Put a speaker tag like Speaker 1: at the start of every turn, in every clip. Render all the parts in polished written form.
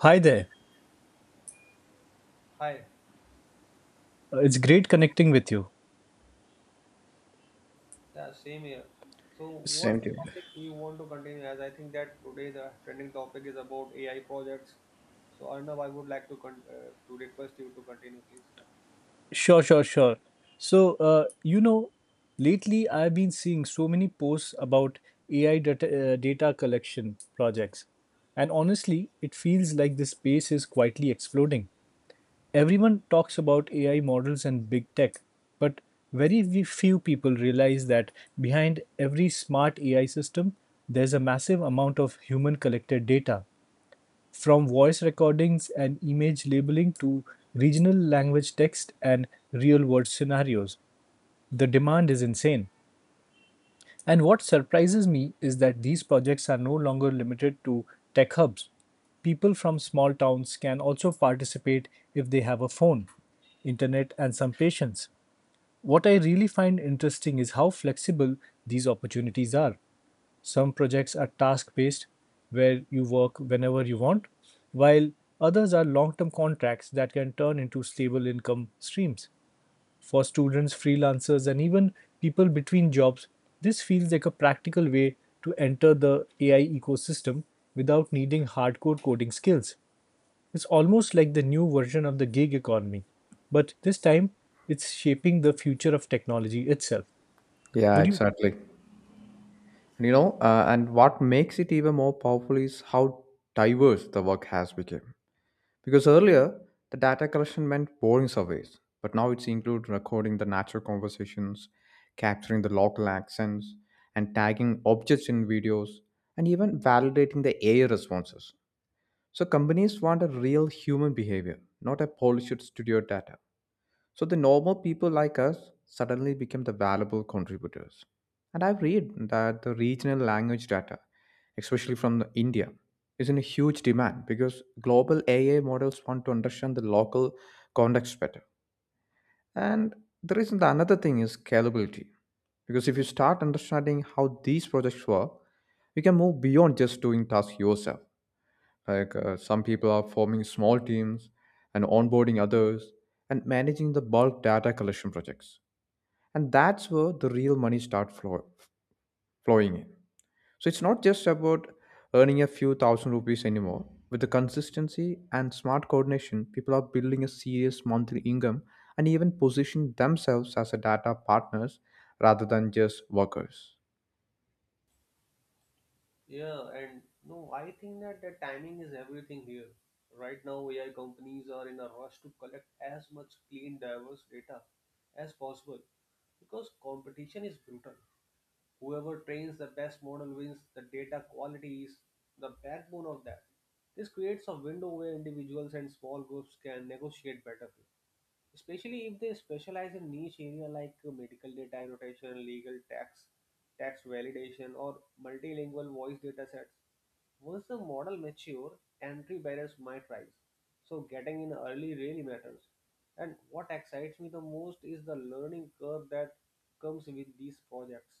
Speaker 1: Hi there.
Speaker 2: Hi,
Speaker 1: It's great connecting with you.
Speaker 2: yeah, same here. So,
Speaker 1: S-
Speaker 2: what
Speaker 3: Same to you.
Speaker 2: topic you want to continue as? I think that today the trending topic is about AI projects. So, Arnav, I would like to to request you to continue, please.
Speaker 1: sure. So, uh, you know, lately I've been seeing so many posts about AI data, data collection projects. And honestly, it feels like this space is quietly exploding. Everyone talks about AI models and big tech, but few people realize that behind every smart AI system, there's a massive amount of human collected data. From voice recordings and image labeling to regional language text and real world scenarios, the demand is insane. And what surprises me is that these projects are no longer limited to tech hubs. People from small towns can also participate if they have a phone, internet, and some patience. What I really find interesting is how flexible these opportunities are. Some projects are task based, where you work whenever you want, while others are long term contracts that can turn into stable income streams. For students, freelancers, and even people between jobs, this feels like a practical way to enter the AI ecosystem without needing hardcore coding skills. It's almost like the new version of the gig economy, but this time it's shaping the future of technology itself.
Speaker 3: Yeah,
Speaker 1: Would you?
Speaker 3: exactly. And what makes it even more powerful is how diverse the work has become. Because earlier, the data collection meant boring surveys, but now it's include recording the natural conversations, capturing the local accents, and tagging objects in videos, and even validating the AI responses. So companies want a real human behavior, not a polished studio data. So the normal people like us suddenly became the valuable contributors. And I've read that the regional language data, especially from the India, is in a huge demand because global AI models want to understand the local context better. And the reason the another thing is scalability. Because if you start understanding how these projects work, you can move beyond just doing tasks yourself. Some people are forming small teams and onboarding others and managing the bulk data collection projects. And that's where the real money starts flowing in. So it's not just about earning a few thousand rupees anymore. With the consistency and smart coordination, people are building a serious monthly income and even position themselves as a data partners rather than just workers.
Speaker 2: Yeah, and no, I think that the timing is everything here. Right now, AI companies are in a rush to collect as much clean, diverse data as possible because competition is brutal. Whoever trains the best model wins. The data quality is the backbone of that. This creates a window where individuals and small groups can negotiate better especially if they specialize in niche area like medical data annotation, legal tax, tax validation, or multilingual voice datasets. Once the model mature, entry barriers might rise. So getting in early really matters. And what excites me the most is the learning curve that comes with these projects.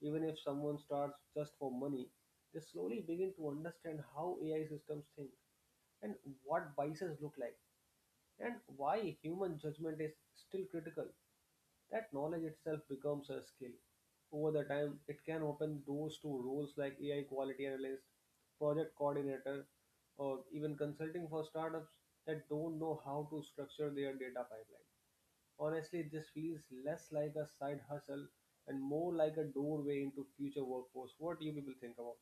Speaker 2: Even if someone starts just for money, they slowly begin to understand how AI systems think and what biases look like. And why human judgment is still critical. That knowledge itself becomes a skill. Over the time, it can open doors to roles like AI quality analyst, project coordinator, or even consulting for startups that don't know how to structure their data pipeline. Honestly, this feels less like a side hustle and more like a doorway into future workforce. What do you people think about?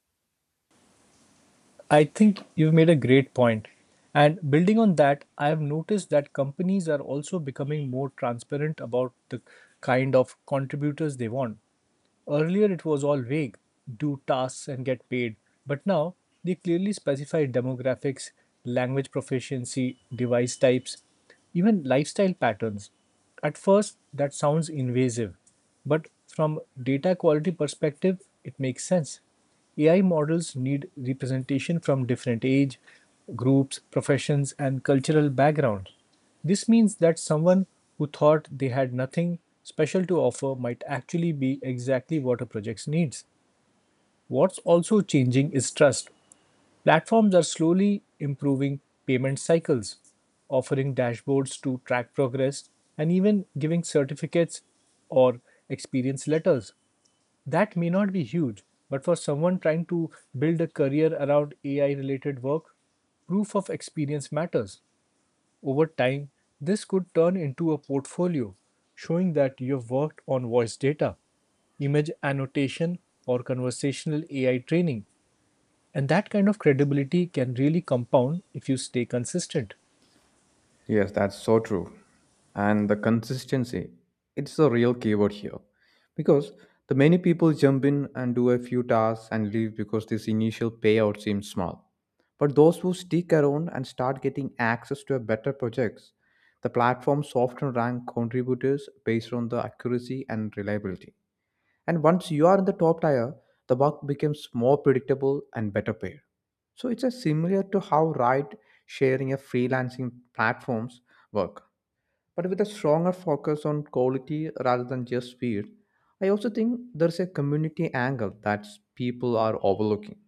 Speaker 1: I think you've made a great point. And building on that, I have noticed that companies are also becoming more transparent about the kind of contributors they want. Earlier, it was all vague do tasks and get paid, but now they clearly specify demographics, language proficiency, device types, even lifestyle patterns. At first, that sounds invasive, but from data quality perspective, it makes sense. AI models need representation from different age groups, professions, and cultural backgrounds. This means that someone who thought they had nothing special to offer might actually be exactly what a project needs. What's also changing is trust. Platforms are slowly improving payment cycles, offering dashboards to track progress, and even giving certificates or experience letters. That may not be huge, but for someone trying to build a career around AI related work, proof of experience matters. Over time, this could turn into a portfolio showing that you've worked on voice data, image annotation, or conversational AI training. And that kind of credibility can really compound if you stay consistent.
Speaker 3: Yes, that's so true. And the consistency, it's the real keyword here. Because the many people jump in and do a few tasks and leave because this initial payout seems small. But those who stick around and start getting access to a better projects, the platforms often rank contributors based on the accuracy and reliability. And once you are in the top tier, the work becomes more predictable and better paid. So it's a similar to how ride sharing and freelancing platforms work, but with a stronger focus on quality rather than just speed. I also think there's a community angle that people are overlooking,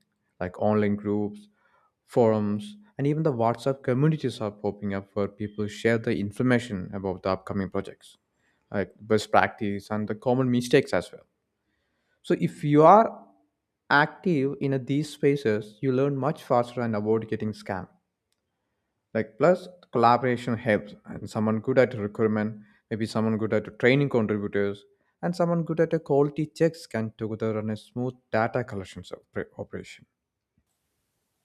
Speaker 3: like online groups, forums, and even the WhatsApp communities are popping up where people share the information about the upcoming projects, like best practice and the common mistakes as well. So if you are active in a, these spaces, you learn much faster and avoid getting scammed. Like plus collaboration helps, and someone good at recruitment, maybe someone good at training contributors, and someone good at a quality checks can together run a smooth data collection operation.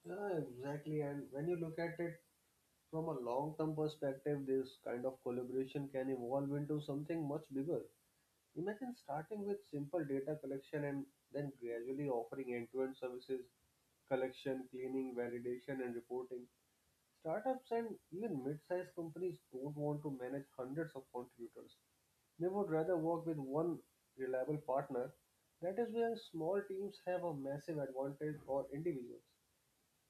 Speaker 2: Yeah, exactly. And when you look at it from a long-term perspective, this kind of collaboration can evolve into something much bigger. Imagine starting with simple data collection and then gradually offering end-to-end services, collection, cleaning, validation, and reporting. Startups and even mid-sized companies don't want to manage hundreds of contributors. They would rather work with one reliable partner. That is where small teams have a massive advantage over individuals.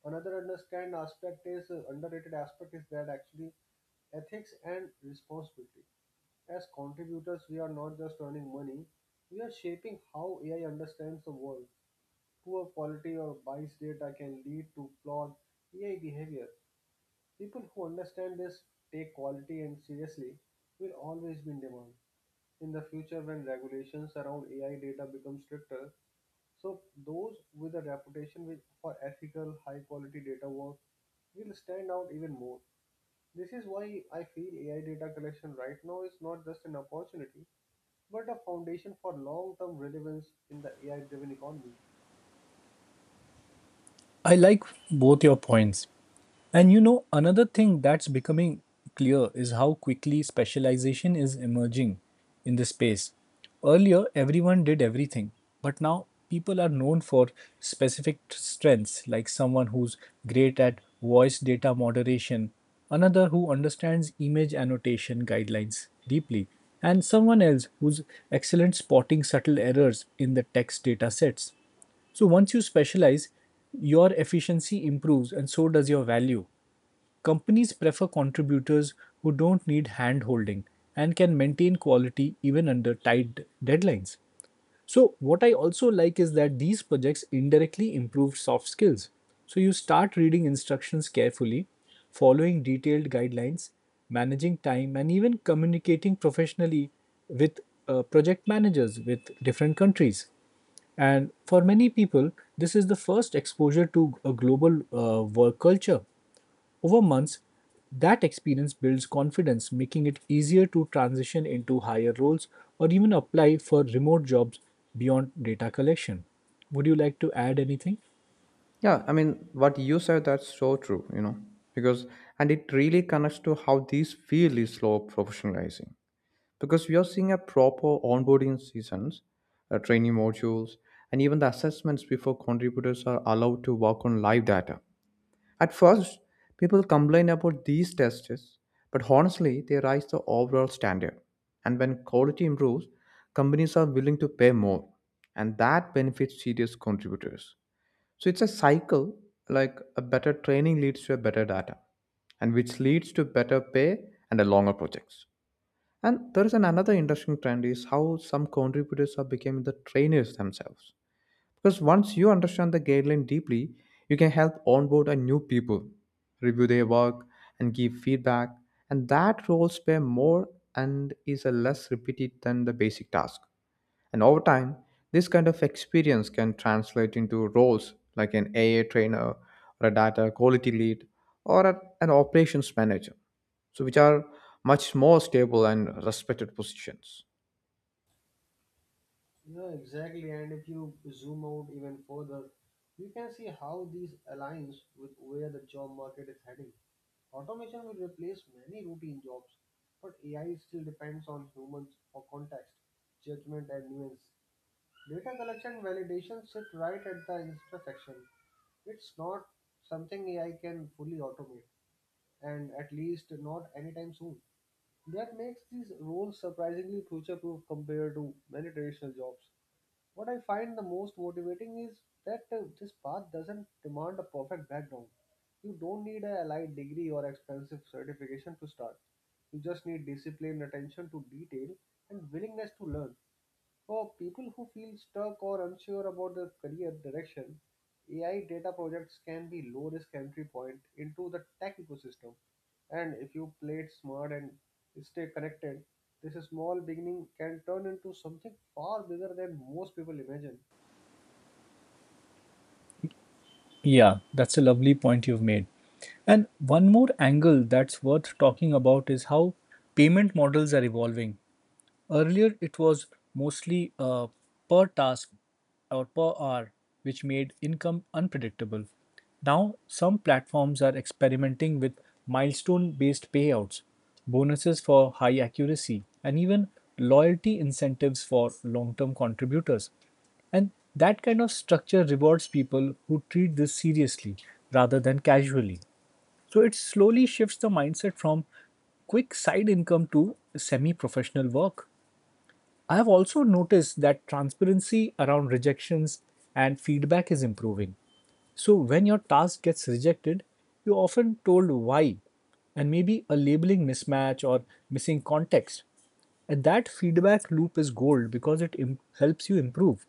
Speaker 2: Another understand aspect is Underrated aspect is that actually ethics and responsibility. As contributors, we are not just earning money; we are shaping how AI understands the world. Poor quality or biased data can lead to flawed AI behavior. People who understand this, take quality and seriously, will always be in demand. In the future, when regulations around AI data become stricter, so those with a reputation with, for ethical, high-quality data work will stand out even more. This is why I feel AI data collection right now is not just an opportunity, but a foundation for long term relevance in the AI driven economy.
Speaker 1: I like both your points. And you know, another thing that's becoming clear is how quickly specialization is emerging in this space. Earlier, everyone did everything, but now people are known for specific strengths, like someone who's great at voice data moderation, another who understands image annotation guidelines deeply, and someone else who's excellent spotting subtle errors in the text data sets. So once you specialize, your efficiency improves and so does your value. Companies prefer contributors who don't need hand holding and can maintain quality even under tight deadlines. So, what I also like is that these projects indirectly improve soft skills. So, you start reading instructions carefully, following detailed guidelines, managing time, and even communicating professionally with project managers with different countries. And for many people, this is the first exposure to a global work culture. Over months, that experience builds confidence, making it easier to transition into higher roles or even apply for remote jobs beyond data collection. Would you like to add anything?
Speaker 3: Yeah, I mean what you said that's so true. You know because and it really connects to how this field is slow professionalizing because we are seeing a proper onboarding seasons, training modules, and even the assessments before contributors are allowed to work on live data. At first, people complain about these tests, but honestly, they raise the overall standard. And when quality improves, companies are willing to pay more, and that benefits serious contributors. So it's a cycle like a better training leads to a better data, and which leads to better pay and a longer projects. And there is an another interesting trend is how some contributors are becoming the trainers themselves. Because once you understand the guideline deeply, you can help onboard a new people, review their work, and give feedback. And that roles pay more and is a less repeated than the basic task. And over time, this kind of experience can translate into roles like an AA trainer or a data quality lead or an operations manager, so which are much more stable and respected positions.
Speaker 2: Yeah, exactly. And if you zoom out even further, you can see how these aligns with where the job market is heading. Automation will replace many routine jobs, but AI still depends on humans for context, judgment, and nuance. Data collection and validation sit right at the intersection. It's not something AI can fully automate, and at least not anytime soon. That makes these roles surprisingly future proof compared to many traditional jobs. What I find the most motivating is that this path doesn't demand a perfect background. You don't need a allied degree or expensive certification to start. You just need discipline, attention to detail, and willingness to learn. For people who feel stuck or unsure about their career direction, AI data projects can be low risk entry point into the tech ecosystem. And if you play it smart and stay connected, this small beginning can turn into something far bigger than most people imagine.
Speaker 1: Yeah, that's a lovely point you've made. And one more angle that's worth talking about is how payment models are evolving. Earlier, it was mostly per task or per hour, which made income unpredictable. Now, some platforms are experimenting with milestone based payouts, bonuses for high accuracy, and even loyalty incentives for long term contributors. And that kind of structure rewards people who treat this seriously rather than casually. So it slowly shifts the mindset from quick side income to semi professional work. I have also noticed that transparency around rejections and feedback is improving. So, when your task gets rejected, you're often told why and maybe a labeling mismatch or missing context. And that feedback loop is gold because helps you improve.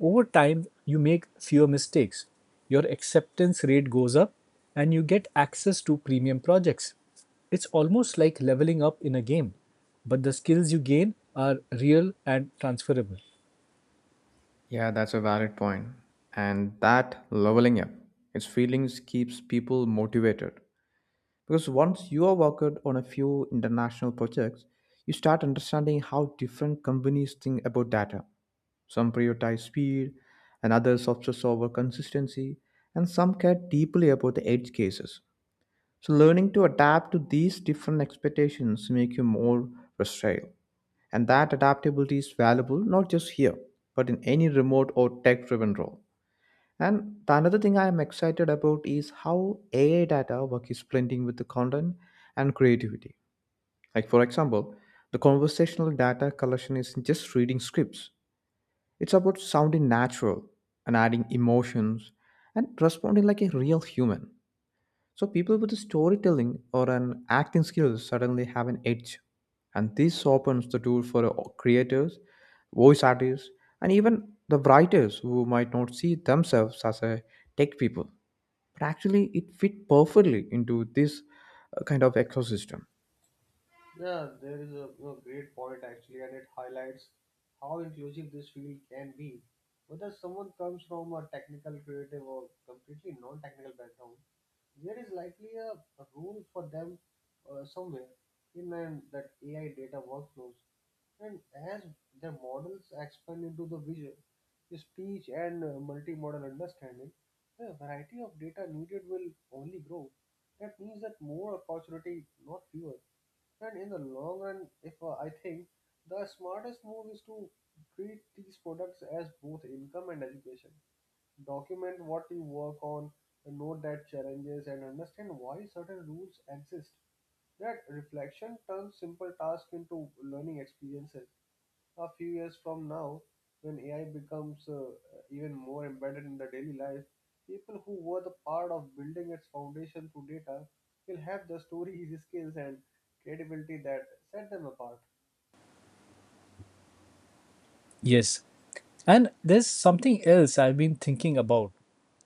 Speaker 1: Over time you make fewer mistakes, your acceptance rate goes up, and you get access to premium projects. It's almost like leveling up in a game, but the skills you gain are real and transferable.
Speaker 3: Yeah, that's a valid point. And that leveling up, its feelings keeps people motivated. Because once you are worked on a few international projects, you start understanding how different companies think about data. Some prioritize speed, and others obsess over consistency, and some care deeply about the edge cases. So, learning to adapt to these different expectations make you more versatile, and that adaptability is valuable not just here, but in any remote or tech-driven role. And the another thing I am excited about is how AI data work is blending with the content and creativity. Like for example, the conversational data collection isn't just reading scripts. It's about sounding natural and adding emotions and responding like a real human. So people with storytelling or an acting skills suddenly have an edge. And this opens the door for creators, voice artists, and even the writers who might not see themselves as a tech people. But actually, it fit perfectly into this kind of ecosystem.
Speaker 2: Yeah, there is a you know, great point actually, and it highlights how inclusive this field can be. Whether someone comes from a technical, creative, or completely non technical background, there is likely a rule for them somewhere in an, that AI data workflows. And as their models expand into the visual, speech, and multimodal understanding, the variety of data needed will only grow. That means that more opportunity, not fewer. And in the long run, if I think the smartest move is to treat these products as both income and education. Document what you work on, note that challenges, and understand why certain rules exist. That reflection turns simple tasks into learning experiences. A few years from now, when AI becomes even more embedded in the daily life, people who were the part of building its foundation through data will have the stories, skills, and creativity that set them apart.
Speaker 1: Yes, and there's something else I've been thinking about,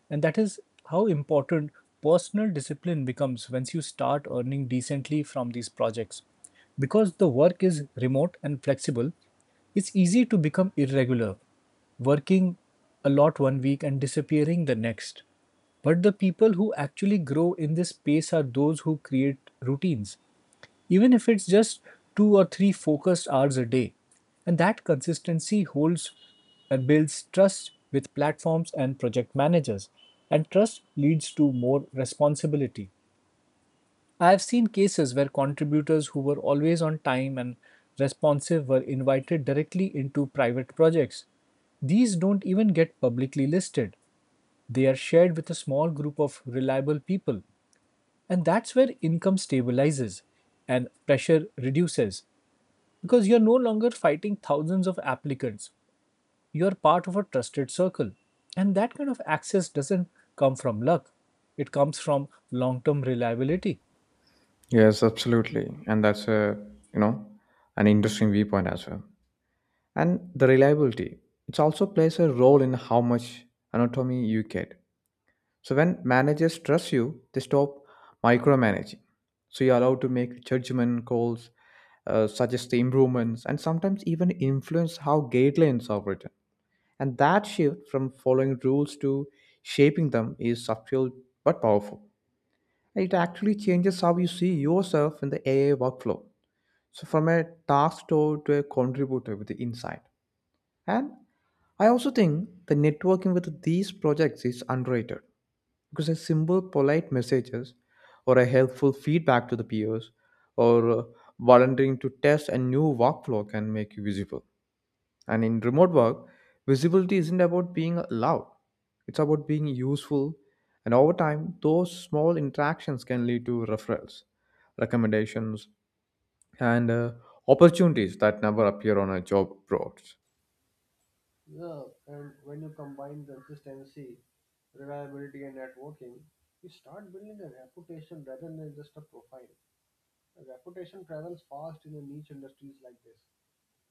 Speaker 1: and that is how important personal discipline becomes once you start earning decently from these projects. Because the work is remote and flexible, it's easy to become irregular, working a lot 1 week and disappearing the next. But the people who actually grow in this space are those who create routines even if it's just 2 or 3 focused hours a day. And that consistency holds and builds trust with platforms and project managers. And trust leads to more responsibility. I have seen cases where contributors who were always on time and responsive were invited directly into private projects. These don't even get publicly listed. They are shared with a small group of reliable people. And that's where income stabilizes and pressure reduces because you're no longer fighting thousands of applicants. You're part of a trusted circle. And that kind of access doesn't come from luck, it comes from long term reliability.
Speaker 3: Yes, absolutely. And that's a, you know, an interesting viewpoint as well. And the reliability, it also plays a role in how much anatomy you get. So when managers trust you, they stop micromanaging, so you're allowed to make judgment calls, suggest the improvements, and sometimes even influence how guidelines are written. And that shift from following rules to shaping them is subtle but powerful. It actually changes how you see yourself in the AI workflow, so from a task store to a contributor with the insight. And I also think the networking with these projects is underrated, because a simple polite messages or a helpful feedback to the peers or volunteering to test a new workflow can make you visible. And in remote work, visibility isn't about being loud. It's about being useful, and over time those small interactions can lead to referrals, recommendations, and opportunities that never appear on a job boards.
Speaker 2: Yeah, and when you combine consistency reliability, and networking, you start building a reputation rather than just a profile. A reputation travels fast in a niche industries like this.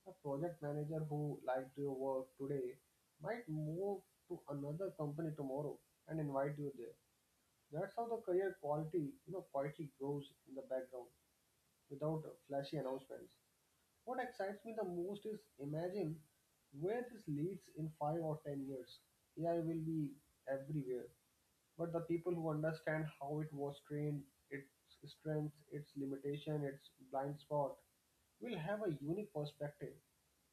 Speaker 2: A project manager who liked your work today might move to another company tomorrow and invite you there. That's how the career quality, you know, quietly grows in the background without flashy announcements. What excites me the most is imagine where this leads in 5 or 10 years. AI will be everywhere, but the people who understand how it was trained, its strengths, its limitation, its blind spot, will have a unique perspective.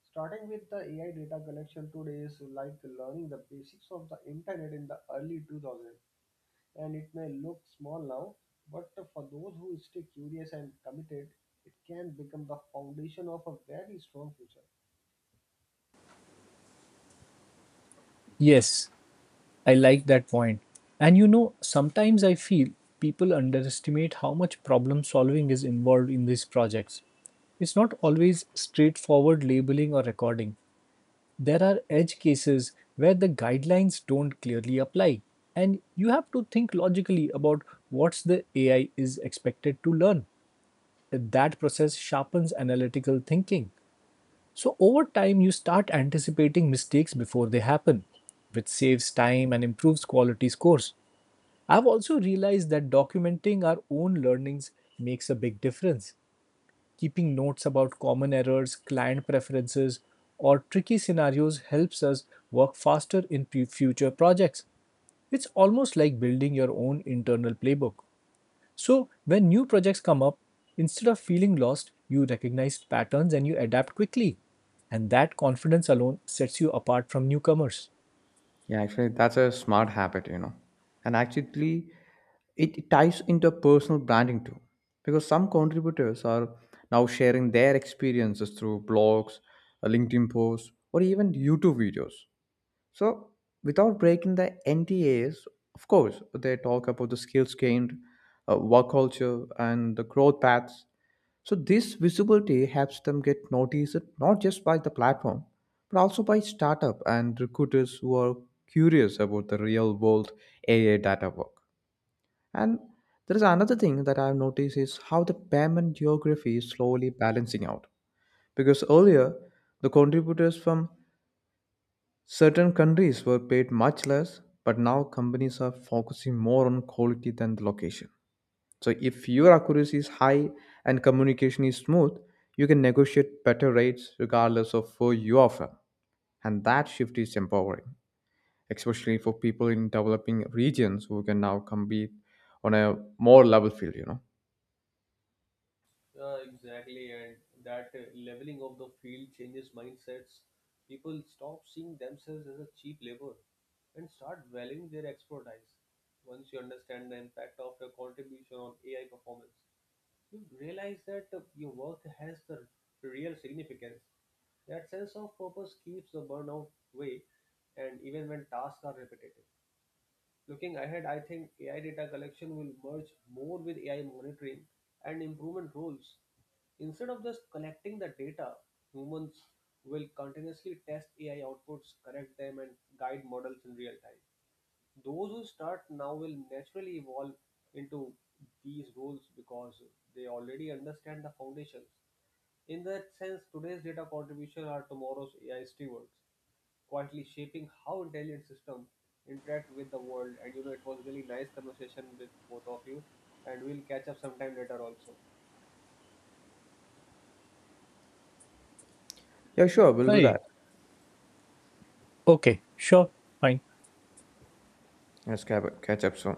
Speaker 2: Starting with the AI data collection today is like learning the basics of the internet in the early 2000s and it may look small now, but for those who stay curious and committed, it can become the foundation of a very strong future.
Speaker 1: Yes, I like that point. And you know, sometimes I feel people underestimate how much problem solving is involved in these projects. It's not always straightforward labeling or recording. There are edge cases where the guidelines don't clearly apply, and you have to think logically about what's the AI is expected to learn. That process sharpens analytical thinking. So over time, you start anticipating mistakes before they happen, which saves time and improves quality scores. I've also realized that documenting our own learnings makes a big difference. Keeping notes about common errors, client preferences, or tricky scenarios helps us work faster in future projects. It's almost like building your own internal playbook. So, when new projects come up, instead of feeling lost, you recognize patterns and you adapt quickly. And that confidence alone sets you apart from newcomers.
Speaker 3: Yeah, actually, that's a smart habit, you know. And actually, it ties into personal branding too, because some contributors are now sharing their experiences through blogs, LinkedIn posts, or even YouTube videos. So, without breaking the NDAs, of course, they talk about the skills gained, work culture, and the growth paths. So this visibility helps them get noticed not just by the platform, but also by startup and recruiters who are curious about the real world AI data work. And there is another thing that I've noticed is how the payment geography is slowly balancing out. Because earlier, the contributors from certain countries were paid much less, but now companies are focusing more on quality than the location. So if your accuracy is high and communication is smooth, you can negotiate better rates regardless of who you offer. And that shift is empowering, especially for people in developing regions who can now compete on a more level field, you know.
Speaker 2: Yeah, exactly. And that leveling of the field changes mindsets. People stop seeing themselves as a cheap labor and start valuing their expertise once you understand the impact of your contribution on AI performance. You realize that your work has the real significance. That sense of purpose keeps the burnout away, and even when tasks are repetitive. Looking ahead, I think AI data collection will merge more with AI monitoring and improvement roles. Instead of just collecting the data, humans will continuously test AI outputs, correct them, and guide models in real time. Those who start now will naturally evolve into these roles because they already understand the foundations. In that sense, today's data contribution are tomorrow's AI stewards, quietly shaping how intelligent systems interact with the world. And you know, it was really nice conversation with both of you, and we'll catch up sometime later also.
Speaker 3: Yeah, sure, we'll do
Speaker 1: Hey,
Speaker 3: that.
Speaker 1: okay, sure, fine.
Speaker 3: Let's catch up soon.